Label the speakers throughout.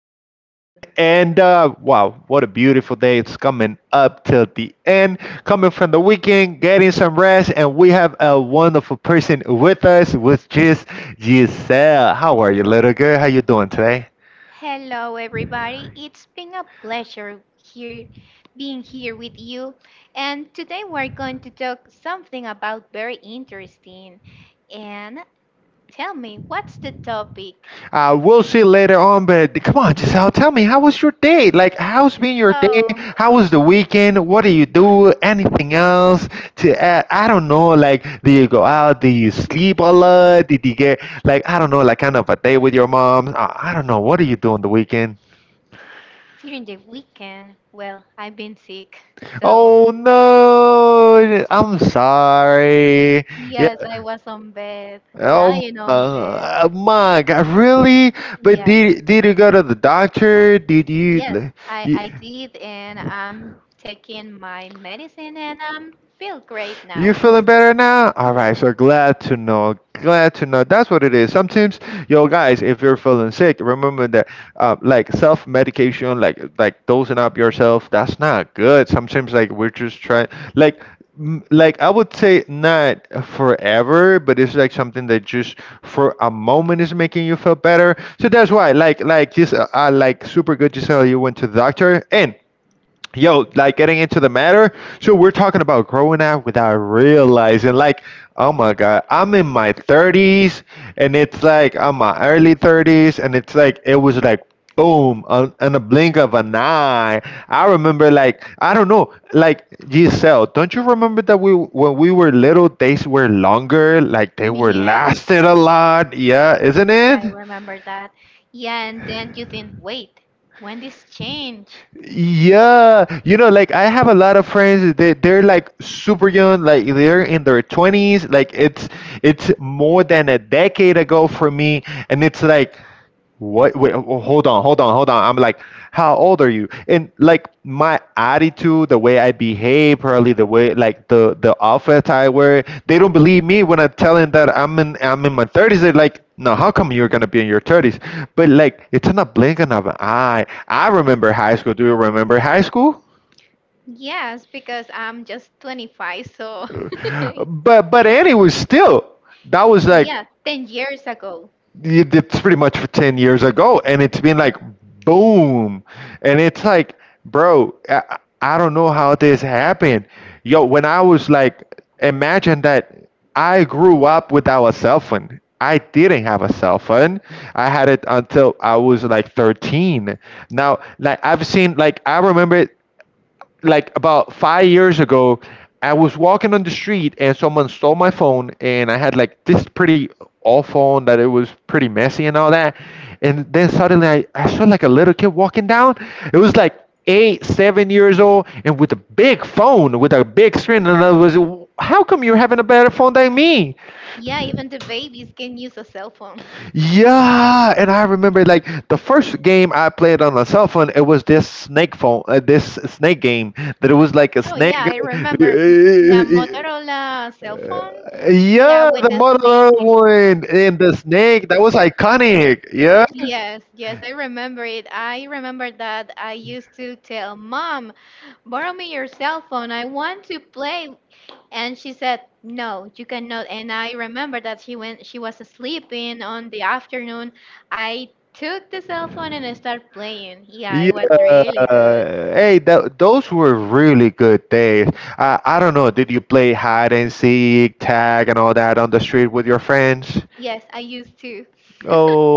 Speaker 1: again, and wow, what a beautiful day! It's coming up till the end, coming from the weekend, getting some rest, and we have a wonderful person with us, which is Giselle. How are you, little girl? How you doing today?
Speaker 2: Hello, everybody. It's been a pleasure here being here with you. And today we're going to talk something about very interesting. And tell me, what's the topic?
Speaker 1: We'll see later on, but come on, Giselle, tell me, how was your day? Like, how's been your day?
Speaker 2: Oh,
Speaker 1: How was the weekend? What do you do? Anything else to add? I don't know. Like, do you go out? Do you sleep a lot? Did you get, like, I don't know, like kind of a day with your mom? I don't know. What do you do on the weekend?
Speaker 2: during the weekend, I've been sick.
Speaker 1: Oh,
Speaker 2: So,
Speaker 1: no. I'm sorry. Yeah,
Speaker 2: yes, I was on bed,
Speaker 1: oh
Speaker 2: lying on bed.
Speaker 1: my God, really? But
Speaker 2: Yes.
Speaker 1: did you go to the doctor? Did you?
Speaker 2: Yes, I,
Speaker 1: You
Speaker 2: I did, and I'm taking my medicine and I feel great
Speaker 1: You
Speaker 2: now.
Speaker 1: feeling better now? All
Speaker 2: Yes,
Speaker 1: right, so glad to know. Glad to know. That's what it is. Sometimes, yo, guys, if you're feeling sick, remember that, like self medication, like dosing up yourself, that's not good. Sometimes, like we're just trying, like like I would say not forever, but it's like something that just for a moment is making you feel better. So that's why, like this, like super good Giselle, you went to the doctor, and yo, like getting into the matter. So we're talking about growing up without realizing, like, oh my god, I'm in my 30s, and it's like I'm my early 30s, and it's like it was like boom, on a blink of an eye. I remember, like, I don't know, like Giselle, don't you remember that we when we were little, days were longer, like they were
Speaker 2: yes.
Speaker 1: lasted a lot, yeah, isn't
Speaker 2: Yeah,
Speaker 1: it?
Speaker 2: I remember that. Yeah, and then you think, wait, when this change?
Speaker 1: Yeah, you know, like I have a lot of friends. They're like super young, like they're in their twenties. Like it's more than a decade ago for me, and it's like what wait oh, oh, hold on, I'm like, how old are you? And like my attitude, the way I behave, probably the way like the outfit I wear, they don't believe me when I tell them that I'm in my 30s. They're like, no, how come you're gonna be in your 30s? But like it's in a blink of an eye. I remember high school. Do you remember high school?
Speaker 2: Yes, because I'm just 25, so
Speaker 1: But Annie was still, that was like
Speaker 2: yeah, 10 years ago.
Speaker 1: it's pretty much for 10 years ago, and it's been like boom, and it's like bro, I don't know how this happened, yo. When I was like, imagine that I grew up without a cell phone. I didn't have a cell phone. I had it until I was like 13. Now like I've seen, like I remember like about 5 years ago, I was walking on the street and someone stole my phone, and I had like this pretty old phone that it was pretty messy and all that. And then suddenly I saw like a little kid walking down. It was like eight, 7 years old, and with a big phone, with a big screen. And I was, how come you're having a better phone than me?
Speaker 2: Yeah, even the babies can use a cell phone.
Speaker 1: Yeah, and I remember like the first game I played on the cell phone. It was this snake phone, this snake game that it was like a
Speaker 2: Oh yeah,
Speaker 1: snake.
Speaker 2: I remember. Yeah,
Speaker 1: Uh,
Speaker 2: Motorola cell phone. Yeah,
Speaker 1: Yeah,
Speaker 2: with
Speaker 1: the
Speaker 2: the snake,
Speaker 1: Mother
Speaker 2: eh?
Speaker 1: one and the snake, that was iconic. Yeah,
Speaker 2: Yes, yes, I remember it. I remember that I used to tell mom, borrow me your cell phone. I want to play. And she said, "No, you cannot." And I remember that she went. She was sleeping on the afternoon, I took the cell phone and I started playing. Yeah, it was
Speaker 1: yeah.
Speaker 2: really good.
Speaker 1: Hey, that those were really good days. I don't know. Did you play hide and seek, tag, and all that on the street with your friends?
Speaker 2: Yes, I used to.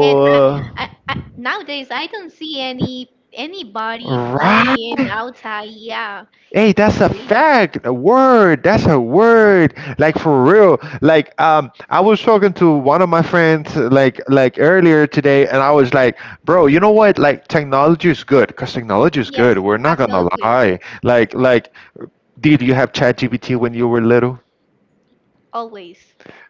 Speaker 2: And nowadays I don't see anybody playing
Speaker 1: right.
Speaker 2: outside. Yeah,
Speaker 1: Hey,
Speaker 2: it's
Speaker 1: that's a
Speaker 2: really,
Speaker 1: fact. A word. That's a word. Like for real. Like I was talking to one of my friends like earlier today, and I was like, bro, you know what? Like technology is good, cause technology is good.
Speaker 2: yes,
Speaker 1: We're not gonna
Speaker 2: absolutely,
Speaker 1: lie. Like, did you have ChatGPT when you were little?
Speaker 2: always.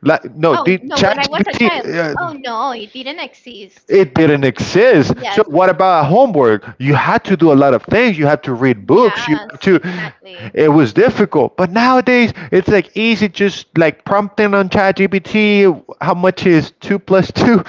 Speaker 1: Like no,
Speaker 2: Oh
Speaker 1: did
Speaker 2: no, when I was a child,
Speaker 1: ChatGPT?
Speaker 2: oh no, it didn't exist.
Speaker 1: It didn't exist. So
Speaker 2: Yes,
Speaker 1: what about homework? You had to do a lot of things. You had to read books. You
Speaker 2: yes,
Speaker 1: had to.
Speaker 2: exactly.
Speaker 1: It was difficult. But nowadays, it's like easy, just like prompting on ChatGPT. How much is two plus two?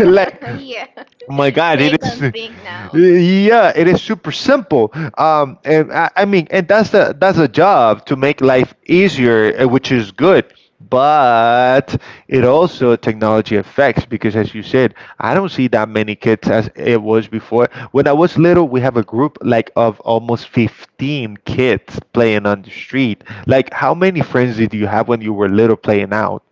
Speaker 1: Like.
Speaker 2: Yeah,
Speaker 1: Oh my God,
Speaker 2: they
Speaker 1: it
Speaker 2: don't
Speaker 1: is.
Speaker 2: think now.
Speaker 1: Yeah, it is super simple. And I mean, and that's the that's a job to make life easier, which is good. But it also technology affects because, as you said, I don't see that many kids as it was before. When I was little, we have a group like of almost 15 kids playing on the street. Like, how many friends did you have when you were little playing out?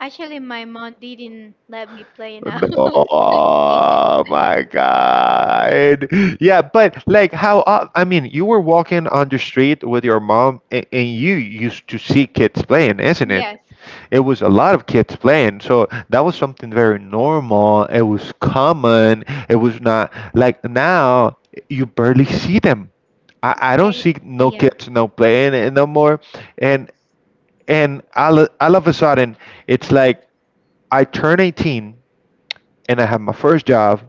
Speaker 2: Actually, my mom didn't let me play now. Yeah.
Speaker 1: Oh my God. Yeah, but like how, I mean, you were walking on the street with your mom and you used to see kids playing, isn't it?
Speaker 2: Yes.
Speaker 1: It was a lot of kids playing, so that was something very normal. It was common. It was not like now you barely see them. I don't
Speaker 2: And-
Speaker 1: see no
Speaker 2: Yeah.
Speaker 1: kids no playing it no more, and and all of a sudden it's like I turned 18 and I had my first job.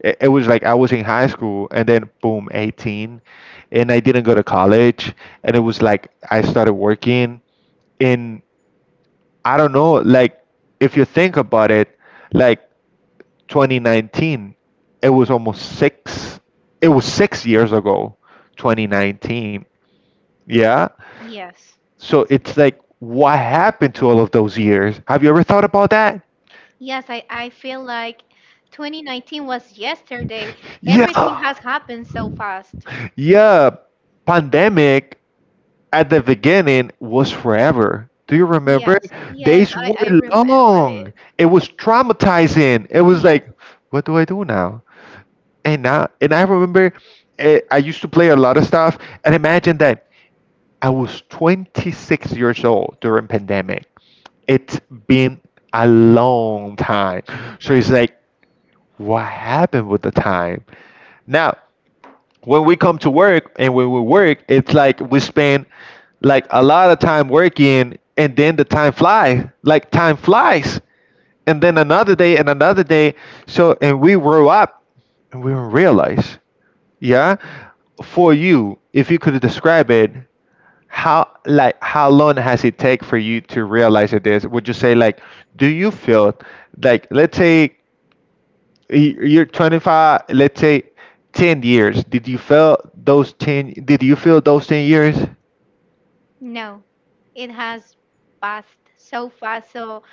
Speaker 1: It was like I was in high school and then boom, 18. And I didn't go to college. And it was like I started working. And I don't know, like if you think about it, like 2019, it was almost six, it was 6 years ago, 2019. Yeah.
Speaker 2: Yes.
Speaker 1: So it's like, what happened to all of those years? Have you ever thought about that?
Speaker 2: Yes, I feel like 2019 was yesterday. Everything
Speaker 1: Yeah.
Speaker 2: has happened so fast.
Speaker 1: Yeah, pandemic at the beginning was forever. Do you remember?
Speaker 2: Yes. Yes,
Speaker 1: Days
Speaker 2: I
Speaker 1: were
Speaker 2: remember
Speaker 1: long.
Speaker 2: it.
Speaker 1: It was traumatizing. It was
Speaker 2: Yes.
Speaker 1: like, what do I do now? And now, and I remember, I used to play a lot of stuff. And imagine that I was 26 years old during pandemic. It's been a long time. So it's like, what happened with the time? Now, when we come to work and when we work, it's like we spend like a lot of time working, and then the time fly, like time flies, and then another day and another day. So and we grow up and we don't realize. Yeah, for you, if you could describe it, how like how long has it take for you to realize it is, would you say, like, do you feel like, let's say you're 25, let's say 10 years, did you feel those 10 years?
Speaker 2: No, it has passed so fast. So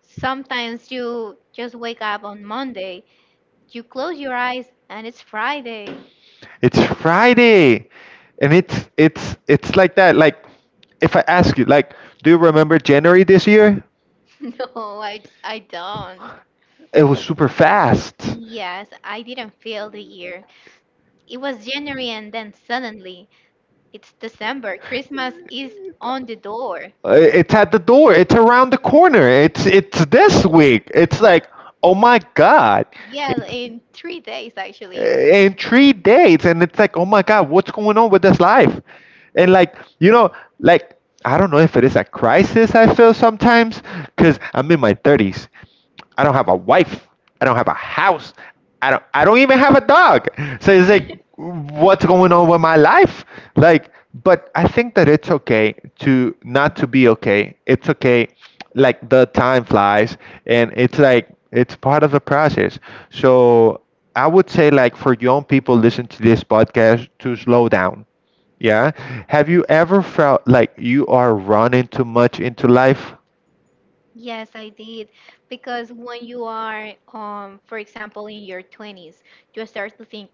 Speaker 2: sometimes you just wake up on Monday, you close your eyes, and it's Friday.
Speaker 1: It's Friday, and it's like that. Like if I ask you, like, do you remember January this year?
Speaker 2: No, I don't.
Speaker 1: It was super fast.
Speaker 2: Yes, I didn't feel the year. It was January, and then suddenly it's December. Christmas is on the door.
Speaker 1: It's at the door. It's around the corner. It's this week. It's like, oh my god.
Speaker 2: Yeah,
Speaker 1: It's
Speaker 2: in 3 days actually.
Speaker 1: in 3 days. And it's like, oh my god, what's going on with this life? And like, you know, like I don't know if it is a crisis. I feel sometimes because I'm in my 30s, I don't have a wife. I don't have a house. I don't even have a dog. So it's like, what's going on with my life? Like but I think that it's okay to not to be okay. It's okay, like the time flies, and it's like it's part of the process. So I would say like for young people listen to this podcast, to slow down. Yeah. Have you ever felt like you are running too much into life?
Speaker 2: Yes, I did. Because when you are, for example, in your 20s, you start to think.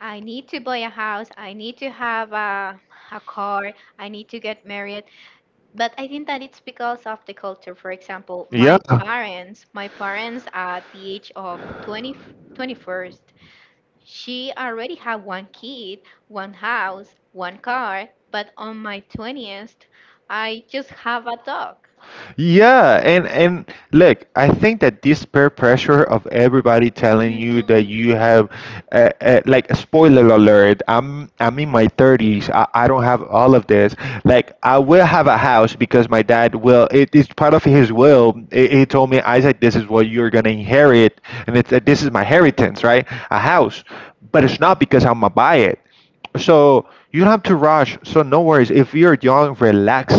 Speaker 2: I need to buy a house. I need to have a car. I need to get married. But I think that it's because of the culture. For example,
Speaker 1: Yeah.
Speaker 2: my parents at the age of twenty twenty first, she already had one kid, one house, one car. But on my 20th, I just have a dog.
Speaker 1: Yeah, and look, I think that this peer pressure of everybody telling you that
Speaker 2: Hmm.
Speaker 1: you have, like, spoiler alert, I'm in my 30s. I don't have all of this. Like, I will have a house because my dad will. It's part of his will. He told me, Isaac, this is what you're gonna inherit, and it's this is my inheritance, right? A house, but it's not because I'm gonna buy it. So you don't have to rush. So no worries. If you're young, relax.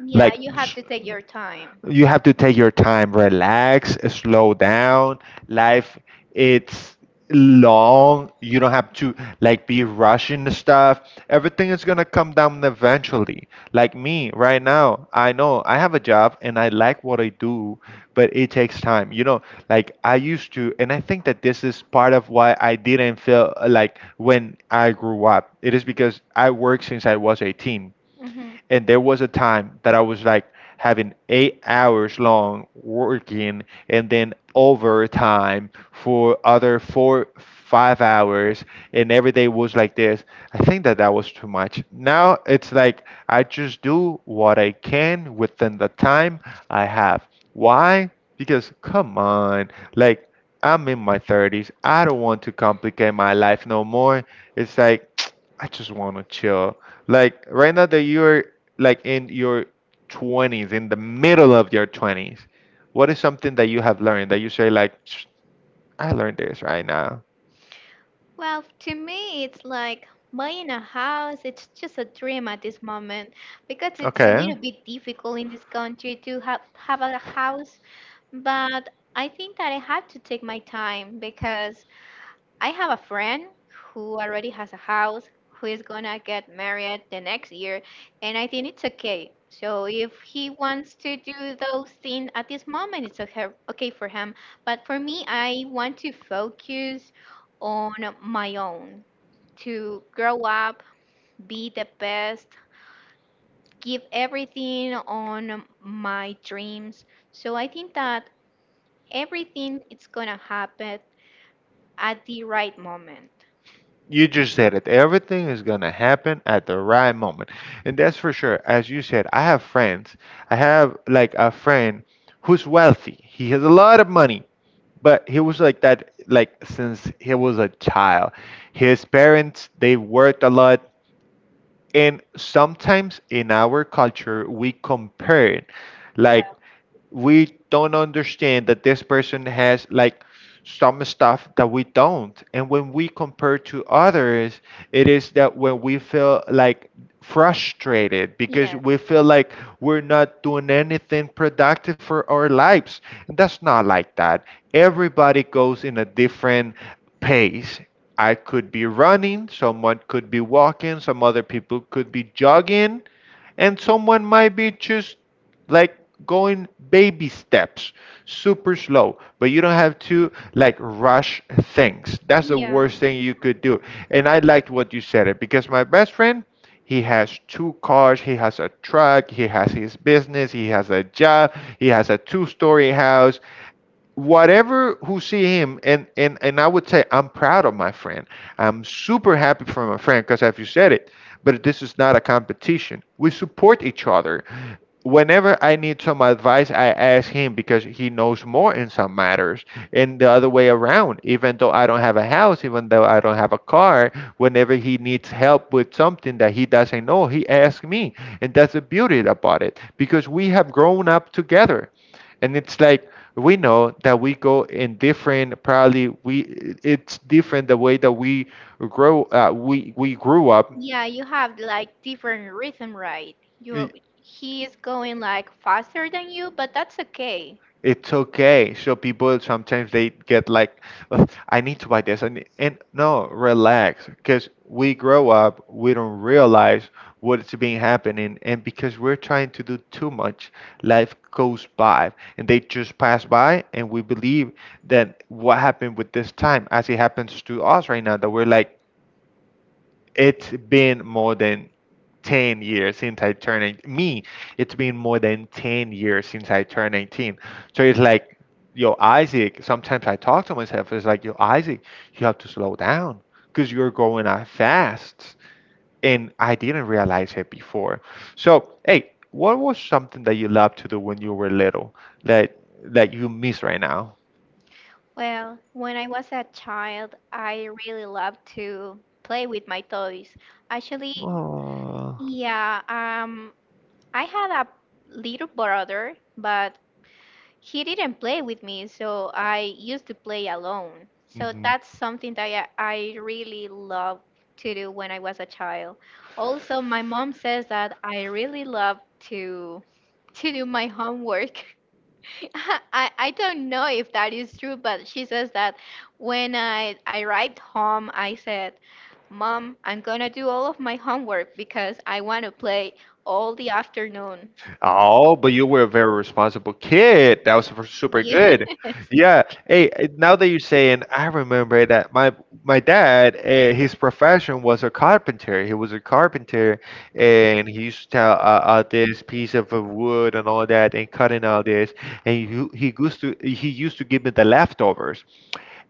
Speaker 2: Yeah,
Speaker 1: Like
Speaker 2: you have to take your time.
Speaker 1: you have to take your time, relax, slow down, life it's long, you don't have to like be rushing the stuff. Everything is going to come down eventually. Like me right now, I know I have a job and I like what I do, but it takes time. You know, like I used to, and I think that this is part of why I didn't feel like when I grew up, it is because I worked since I was 18,
Speaker 2: Hmm.
Speaker 1: and there was a time that I was like having 8 hours long working and then overtime for other four, 5 hours. And every day was like this. I think that that was too much. Now it's like I just do what I can within the time I have. Why? Because come on, like I'm in my 30s. I don't want to complicate my life no more. It's like I just want to chill. Like right now that you're like in your 20s, in the middle of your 20s, what is something that you have learned that you say like, "Psh, I learned this right now?"
Speaker 2: Well, to me, it's like buying a house, it's just a dream at this moment because it's a
Speaker 1: Okay.
Speaker 2: little bit difficult in this country to have a house. But I think that I have to take my time because I have a friend who already has a house, who is gonna get married the next year, and I think it's okay. So if he wants to do those things at this moment, it's okay for him. But for me, I want to focus on my own to grow up, be the best, give everything on my dreams. So I think that everything is gonna happen at the right moment.
Speaker 1: You just said it. Everything is going to happen at the right moment. And that's for sure. As you said, I have friends. I have like a friend who's wealthy. He has a lot of money. But he was like that like since he was a child. His parents, they worked a lot. And sometimes in our culture, we compare, like, we don't understand that this person has like some stuff that we don't. And when we compare to others, it is that when we feel like frustrated, because
Speaker 2: Yes.
Speaker 1: we feel like we're not doing anything productive for our lives. And that's not like that. Everybody goes in a different pace. I could be running, someone could be walking, some other people could be jogging, and someone might be just like going baby steps, super slow, but you don't have to like rush things. That's the
Speaker 2: Yeah.
Speaker 1: worst thing you could do. And I liked what you said it because my best friend, he has two cars, he has a truck, he has his business, he has a job, he has a two-story house, whatever, who see him. And I would say I'm proud of my friend. I'm super happy for my friend because, as you said it, but this is not a competition. We support each other. Whenever I need some advice, I ask him because he knows more in some matters and the other way around. Even though I don't have a house, even though I don't have a car, whenever he needs help with something that he doesn't know, he asks me. And that's the beauty about it because we have grown up together. And it's like we know that we go in different, probably, we it's different the way that we grow, we grew up.
Speaker 2: Yeah, you have like different rhythm, right? You he is going like faster than you, but that's okay.
Speaker 1: It's okay. So people sometimes they get like, "Ugh, I need to buy this," and no, relax, because we grow up, we don't realize what's been happening. And because we're trying to do too much, life goes by, and they just pass by, and we believe that what happened with this time, as it happens to us right now, that we're like, it's been more than 10 years since I turned 18. Me, it's been more than 10 years since I turned 18. So it's like, yo, Isaac, sometimes I talk to myself, it's like, yo, Isaac, you have to slow down because you're going out fast. And I didn't realize it before. So, hey, what was something that you loved to do when you were little that that you miss right now?
Speaker 2: Well, when I was a child, I really loved to play with my toys. Actually,
Speaker 1: Oh.
Speaker 2: yeah, I had a little brother, but he didn't play with me, so I used to play alone. So
Speaker 1: Mhm.
Speaker 2: that's something that I really loved to do when I was a child. Also, my mom says that I really love to to do my homework. I don't know if that is true, but she says that when I arrived home, I said, "Mom, I'm gonna do all of my homework because I want to play all the afternoon."
Speaker 1: Oh, but you were a very responsible kid. That was super
Speaker 2: Yes.
Speaker 1: good. Yeah. Hey, now that you're saying, I remember that my dad, his profession was a carpenter. He was a carpenter, and he used to tell this piece of wood and all that, and cutting all this. And he used to give me the leftovers,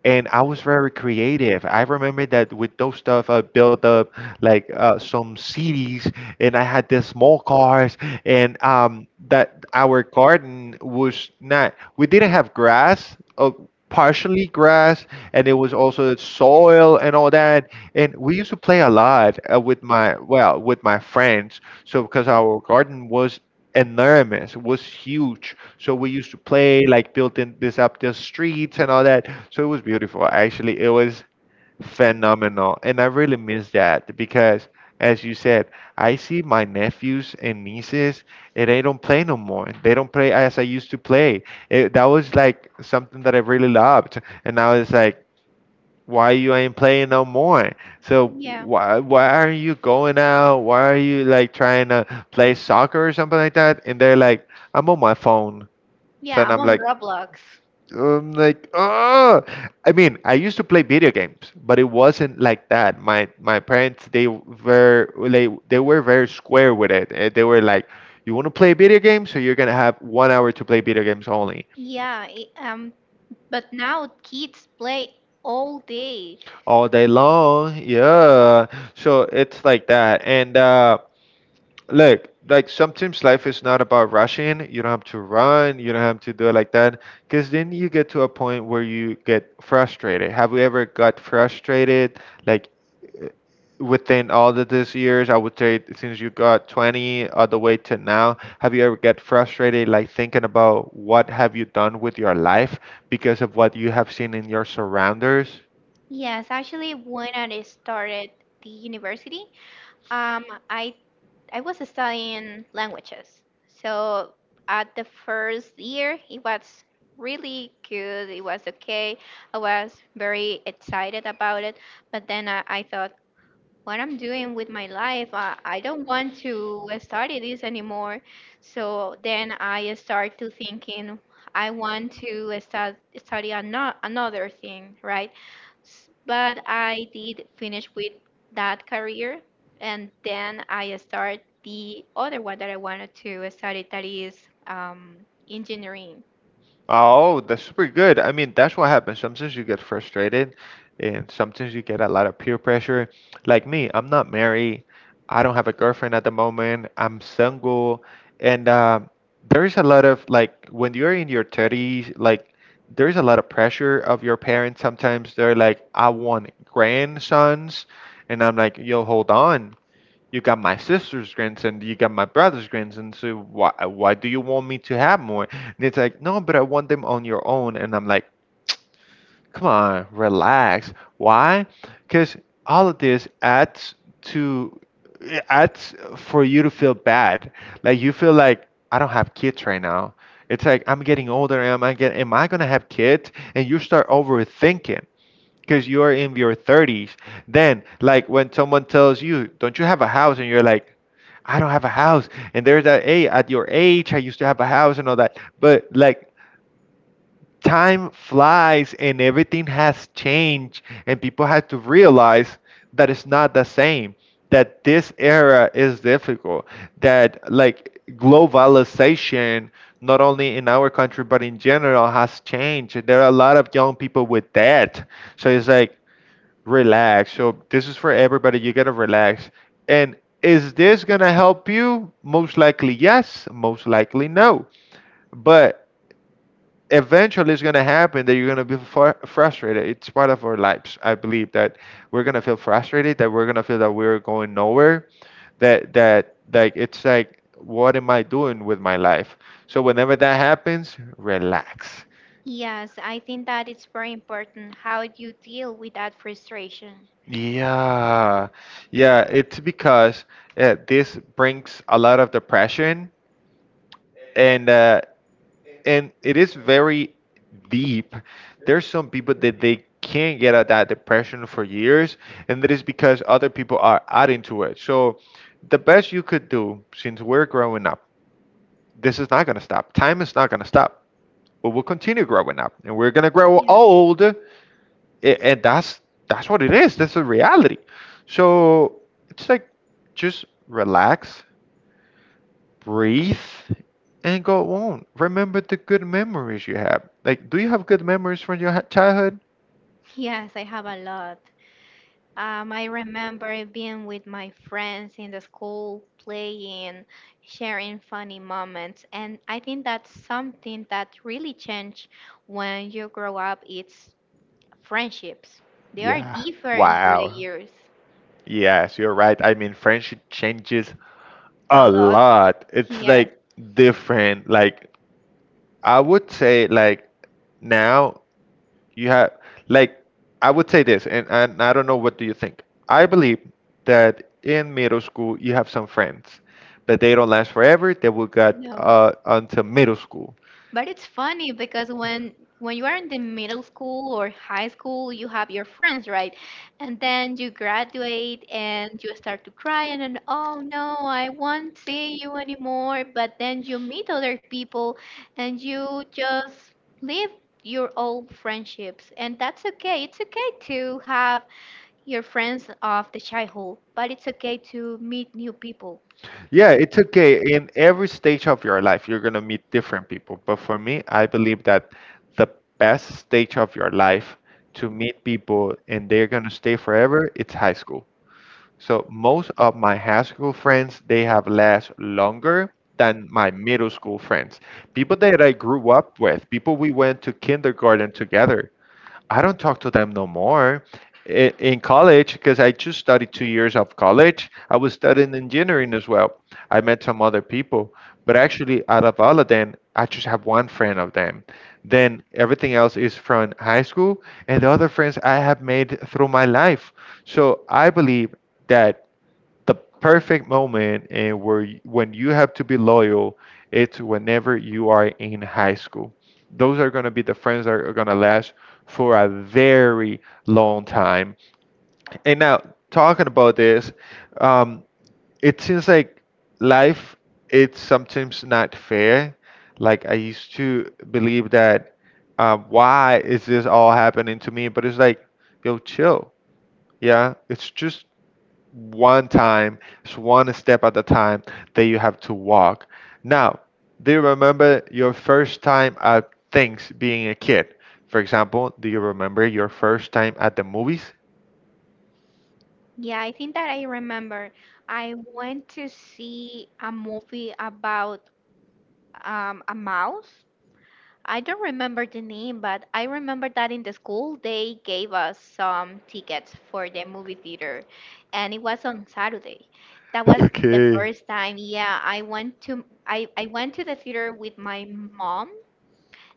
Speaker 1: and I was very creative. I remember that with those stuff, I built up like some CDs, and I had the small cars, and that our garden was not. We didn't have grass. Partially grass, and it was also soil and all that, and we used to play a lot with my well, with my friends. So because our garden was enormous, was huge, so we used to play, like built in this up the streets and all that. So it was beautiful. Actually, it was phenomenal. And I really miss that because, as you said, I see my nephews and nieces and they don't play no more. They don't play as I used to play. That was like something that I really loved. And now it's like, why you ain't playing no more? So
Speaker 2: Yeah.
Speaker 1: why are you going out? Why are you like trying to play soccer or something like that? And they're like, I'm on my phone. So
Speaker 2: Yeah,
Speaker 1: and
Speaker 2: I'm
Speaker 1: I'm
Speaker 2: on
Speaker 1: like,
Speaker 2: Roblox.
Speaker 1: I'm like, oh, I mean, I used to play video games, but it wasn't like that. My parents, they were very square with it. They were like, you want to play video games, so you're gonna have 1 hour to play video games only
Speaker 2: Yeah, but now kids play all day.
Speaker 1: all day long. Yeah, so it's like that, and look, like sometimes life is not about rushing. You don't have to run. You don't have to do it like that. Because then you get to a point where you get frustrated. Have we ever got frustrated? Like uh, within all of these years, I would say since you got 20 all the way to now, have you ever get frustrated? Like thinking about what have you done with your life because of what you have seen in your surroundings?
Speaker 2: Yes, actually, when I started the university, um, I I was studying languages. So at the first year, it was really good. It was okay. I was very excited about it. But then I thought, what I'm doing with my life. I don't want to study this anymore. So then I start to thinking I want to start, study another thing, right? But I did finish with that career and then I start the other one that I wanted to study that is um, engineering.
Speaker 1: Oh, that's super good. I mean, that's what happens. Sometimes you get frustrated, and sometimes you get a lot of peer pressure. Like me, I'm not married. I don't have a girlfriend at the moment. I'm single, and there is a lot of like when you're in your 30s, like there is a lot of pressure of your parents. Sometimes they're like, "I want grandsons," and I'm like, "Yo, hold on. You got my sister's grandson. You got my brother's grandson. So why do you want me to have more?" And it's like, no, but I want them on your own. And I'm like, come on, relax. Why? Because all of this adds to it, adds for you to feel bad. Like you feel like I don't have kids right now. It's like I'm getting older. Am I get? Am I gonna have kids? And you start overthinking because you are in your 30s. Then like when someone tells you, don't you have a house, and you're like, I don't have a house. And there's that, hey, at your age I used to have a house and all that. But like, time flies and everything has changed, and people have to realize that it's not the same, that this era is difficult, that like globalization, not only in our country but in general, has changed. There are a lot of young people with debt. So it's like, relax. So this is for everybody. You gotta relax. And is this gonna help you? Most likely yes, most likely no. But eventually it's gonna happen that you're gonna be frustrated. It's part of our lives. I believe that we're gonna feel frustrated, that we're gonna feel that we're going nowhere, that like it's like what am I doing with my life? So whenever that happens, relax.
Speaker 2: Yes, I think that it's very important how you deal with that frustration.
Speaker 1: Yeah, yeah, it's because this brings a lot of depression, and uh, and it is very deep. There's some people that they can't get out of that depression for years, and that is because other people are adding to it. So the best you could do, since we're growing up, this is not gonna stop. Time is not gonna stop. We will continue growing up, and we're gonna grow
Speaker 2: Yeah.
Speaker 1: old, and that's what it is. That's the reality. So it's like, just relax, breathe, and go on. Remember the good memories you have. Like, do you have good memories from your childhood?
Speaker 2: Yes, I have a lot. I remember being with my friends in the school, playing, sharing funny moments, and I think that's something that really change when you grow up. It's friendships. They are
Speaker 1: Yeah.
Speaker 2: different through the
Speaker 1: Wow.
Speaker 2: years.
Speaker 1: Yes, you're right. I mean, friendship changes
Speaker 2: A
Speaker 1: a
Speaker 2: lot.
Speaker 1: lot. It's
Speaker 2: Yes.
Speaker 1: like different. Like, I would say, like now you have, like, I would say this, and I don't know, what do you think? I believe that in middle school you have some friends, but they don't last forever. They will get
Speaker 2: No.
Speaker 1: until middle school.
Speaker 2: But it's funny because when you are in the middle school or high school, you have your friends, right? And then you graduate and you start to cry and then, oh no, I won't see you anymore. But then you meet other people and you just live your old friendships. And that's okay. It's okay to have your friends of the childhood, but it's okay to meet new people.
Speaker 1: Yeah, it's okay. In every stage of your life, you're gonna meet different people. But for me, I believe that the best stage of your life to meet people and they're gonna stay forever, it's high school. So most of my high school friends, they have lasted longer than my middle school friends. People that I grew up with, people we went to kindergarten together. I don't talk to them no more. In college, because I just studied 2 years of college, I was studying engineering as well. I met some other people, but actually, out of all of them, I just have one friend of them. Then everything else is from high school, and the other friends I have made through my life. So I believe that the perfect moment and where when you have to be loyal, it's whenever you are in high school. Those are going to be the friends that are going to last for a very long time. And now, talking about this, um, it seems like life, it's sometimes not fair. Like, I used to believe that, why is this all happening to me? But it's like, yo, chill. Yeah, it's just one time, it's one step at a time that you have to walk. Now, do you remember your first time at things being a kid? For example, do you remember your first time at the movies?
Speaker 2: Yeah, I think that I remember. I went to see a movie about a mouse. I don't remember the name, but I remember that in the school they gave us some tickets for the movie theater, and it was on Saturday. That was the
Speaker 1: Okay.
Speaker 2: first time. Yeah, I went to the theater with my mom,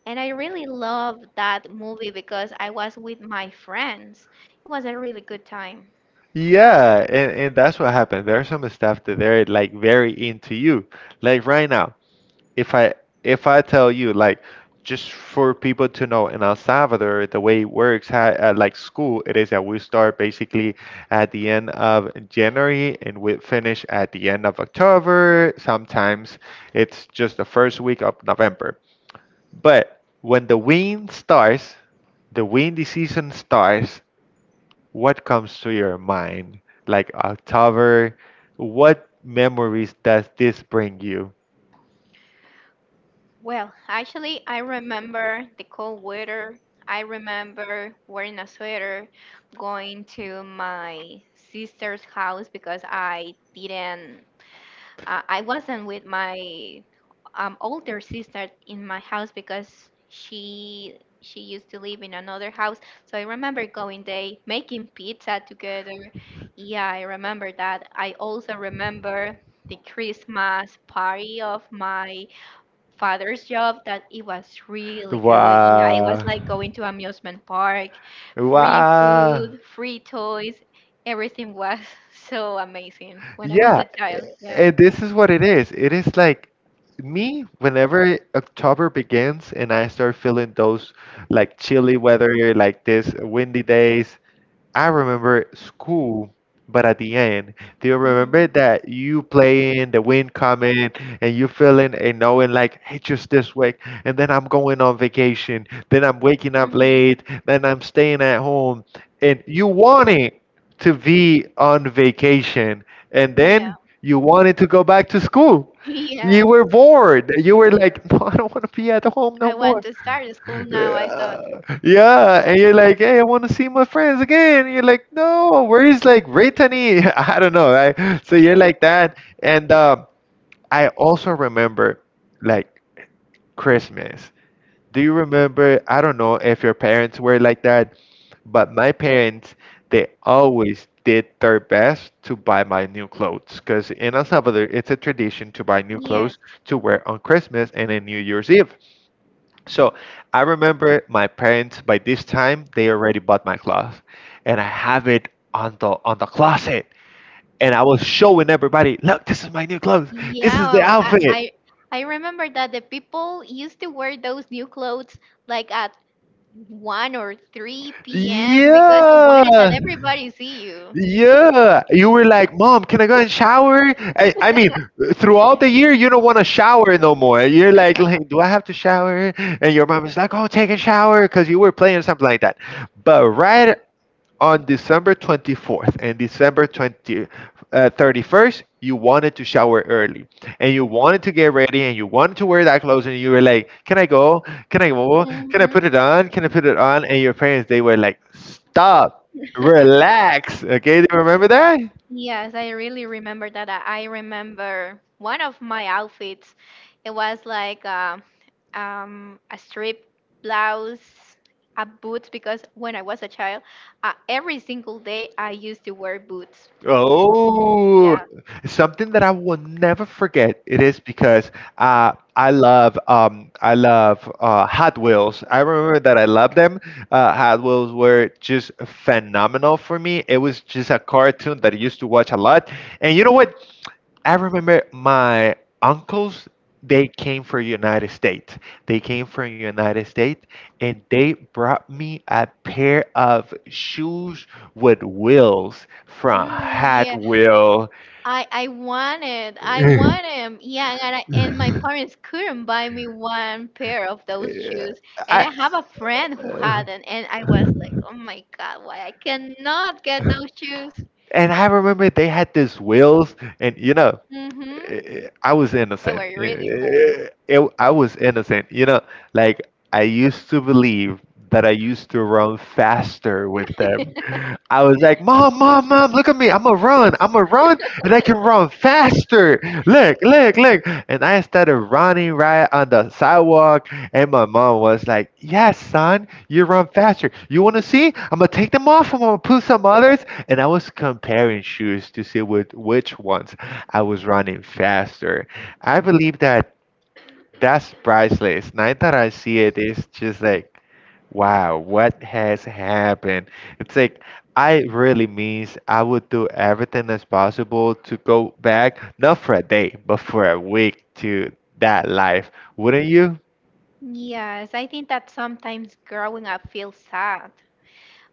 Speaker 2: and I really loved that movie because I was with my friends. It was a really good time.
Speaker 1: Yeah, and that's what happened. There are some stuff that they're like very into you. Like right now, if I tell you, like, just for people to know, in El Salvador the way it works, like, school, it is that we start basically at the end of January and we finish at the end of October. Sometimes it's just the first week of November. But when the windy season starts, what comes to your mind? Like October, what memories does this bring you?
Speaker 2: Well, actually, I remember the cold weather. I remember wearing a sweater, going to my sister's house because I didn't, I wasn't with my older sister in my house because she used to live in another house. So I remember going there, making pizza together. Yeah, I remember that. I also remember the Christmas party of my father's job that it was really good. Yeah, it was
Speaker 1: Wow.
Speaker 2: like going to amusement park, free
Speaker 1: Wow.
Speaker 2: food, free toys. Everything was so amazing when I was
Speaker 1: Yeah,
Speaker 2: a child.
Speaker 1: a-
Speaker 2: Yeah.
Speaker 1: and this is what it is. It is like me, whenever October begins and I start feeling those like chilly weather, like this windy days, I remember school. But at the end, do you remember
Speaker 2: Hmm.
Speaker 1: that you playing, the wind coming and you feeling and knowing, like, hey, just this way, and then I'm going on vacation, then I'm waking up
Speaker 2: Hmm.
Speaker 1: late, then I'm staying at home, and you wanted to be on vacation, and
Speaker 2: Yeah.
Speaker 1: then you wanted to go back to school.
Speaker 2: Yeah.
Speaker 1: You were bored. You were like, no, I don't want to be at home no
Speaker 2: I want
Speaker 1: more.
Speaker 2: to start school now, I thought.
Speaker 1: Yeah, yeah, and you're like, hey, I want to see my friends again. And you're like, no, where's like Brittany? I don't know. So you're like that, and I also remember like Christmas. Do you remember? I don't know if your parents were like that, but my parents, they always did their best to buy my new clothes, because in El Salvador it's a tradition to buy new
Speaker 2: Yes.
Speaker 1: clothes to wear on Christmas and in New Year's Eve. So I remember my parents, by this time they already bought my clothes, and I have it on the closet, and I was showing everybody, look, this is my new clothes. This
Speaker 2: Yeah,
Speaker 1: is the outfit.
Speaker 2: I remember that the people used to wear those new clothes like at 1 or 3 p.m. because you wanted that
Speaker 1: Yeah,
Speaker 2: everybody see you.
Speaker 1: yeah. You were like, Mom, can I go and shower? I mean, throughout the year, you don't want to shower no more. You're like, do I have to shower? And your mom is like, oh, take a shower because you were playing something like that. But right on December 24th and December 31st, you wanted to shower early and you wanted to get ready and you wanted to wear that clothes and you were like, can I go? Can I go? Can I put
Speaker 2: Mhm.
Speaker 1: it on? Can I put it on? And your parents, they were like, stop, relax. Okay, do you remember that?
Speaker 2: Yes, I really remember that. I remember one of my outfits. It was like a strip blouse, a boots, because when I was a child, every single day I used to wear boots.
Speaker 1: Oh,
Speaker 2: Yeah.
Speaker 1: something that I will never forget. It is because I love Hot Wheels. I remember that I loved them. Hot Wheels were just phenomenal for me. It was just a cartoon that I used to watch a lot. And you know what? I remember my uncles, they came from United States. They came from United States and they brought me a pair of shoes with wheels from Hot
Speaker 2: Mm,
Speaker 1: Wheel.
Speaker 2: I want him. Yeah, and and my parents couldn't buy me one pair of those shoes. And
Speaker 1: I
Speaker 2: I have a friend who
Speaker 1: uh,
Speaker 2: hadn't, and I was like, oh my God, why I cannot get those shoes?
Speaker 1: and I remember they had these wheels and, you know,
Speaker 2: Mm-hmm.
Speaker 1: I was
Speaker 2: They
Speaker 1: innocent.
Speaker 2: were really cool.
Speaker 1: I was innocent. You know, like I used to believe that I used to run faster with them. I was like, "Mom, mom, mom, look at me. I'm a run. I'm a run, and I can run faster. Look, look, look." And I started running right on the sidewalk, and my mom was like, "Yes, son, you run faster. You want to see? I'm gonna take them off. I'm gonna put some others." And I was comparing shoes to see with which ones I was running faster. I believe that that's priceless. Now that I see it, it's just like, wow, what has happened? It's like, I really means I would do everything as possible to go back, not for a day, but for a week to that life. Wouldn't you?
Speaker 2: Yes, I think that sometimes growing up feels sad,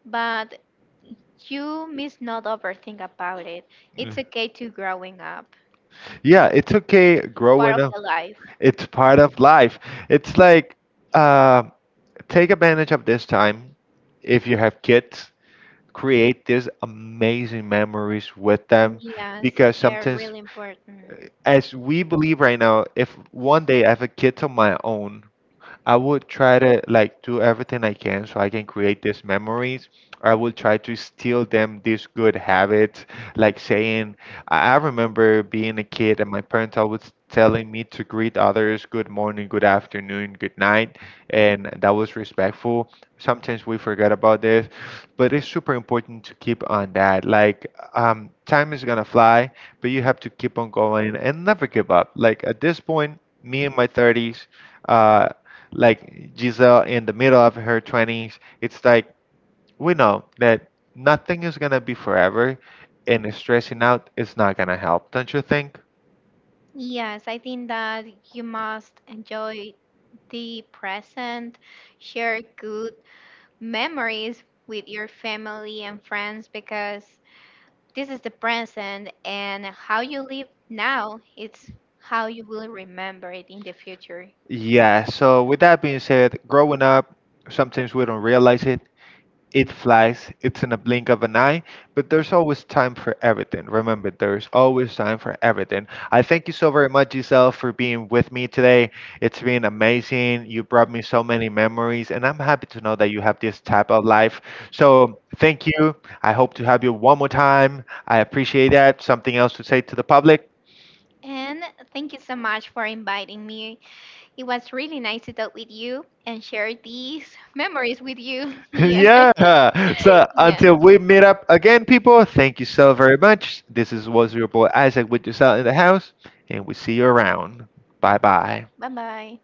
Speaker 2: but you must not overthink about it. It's
Speaker 1: Mm.
Speaker 2: okay to growing up.
Speaker 1: Yeah, it's okay
Speaker 2: It's part
Speaker 1: growing
Speaker 2: of
Speaker 1: up.
Speaker 2: the life.
Speaker 1: It's part of life. It's like, uh. Take advantage of this time. If you have kids, create these amazing memories with them,
Speaker 2: Yes,
Speaker 1: because
Speaker 2: they're
Speaker 1: sometimes,
Speaker 2: really important.
Speaker 1: as we believe right now, if one day I have a kid of my own, I would try to, like, do everything I can so I can create these memories. I will try to steal them these good habits, like saying, I remember being a kid and my parents always telling me to greet others, good morning, good afternoon, good night, and that was respectful. Sometimes we forget about this, but it's super important to keep on that. Time is gonna fly, but you have to keep on going and never give up. Like at this point, me in my 30s, like Giselle in the middle of her 20s, it's like we know that nothing is going to be forever and stressing out is not going to help, don't you think?
Speaker 2: Yes, I think that you must enjoy the present, share good memories with your family and friends because this is the present and how you live now, it's how you will remember it in the future.
Speaker 1: Yeah, so with that being said, growing up, sometimes we don't realize it, it flies, it's in a blink of an eye, but there's always time for everything. Remember, there's always time for everything. I thank you so very much, Giselle, for being with me today. It's been amazing. You brought me so many memories, and I'm happy to know that you have this type of life. So, thank you. I hope to have you one more time. I appreciate that. Something else to say to the public?
Speaker 2: And thank you so much for inviting me. It was really nice to talk with you and share these memories with you. Yeah.
Speaker 1: Yeah. So
Speaker 2: Yeah.
Speaker 1: until we meet up again, people, thank you so very much. This is was your boy Isaac with yourself in the house, and we see you around. Bye bye.
Speaker 2: Bye bye.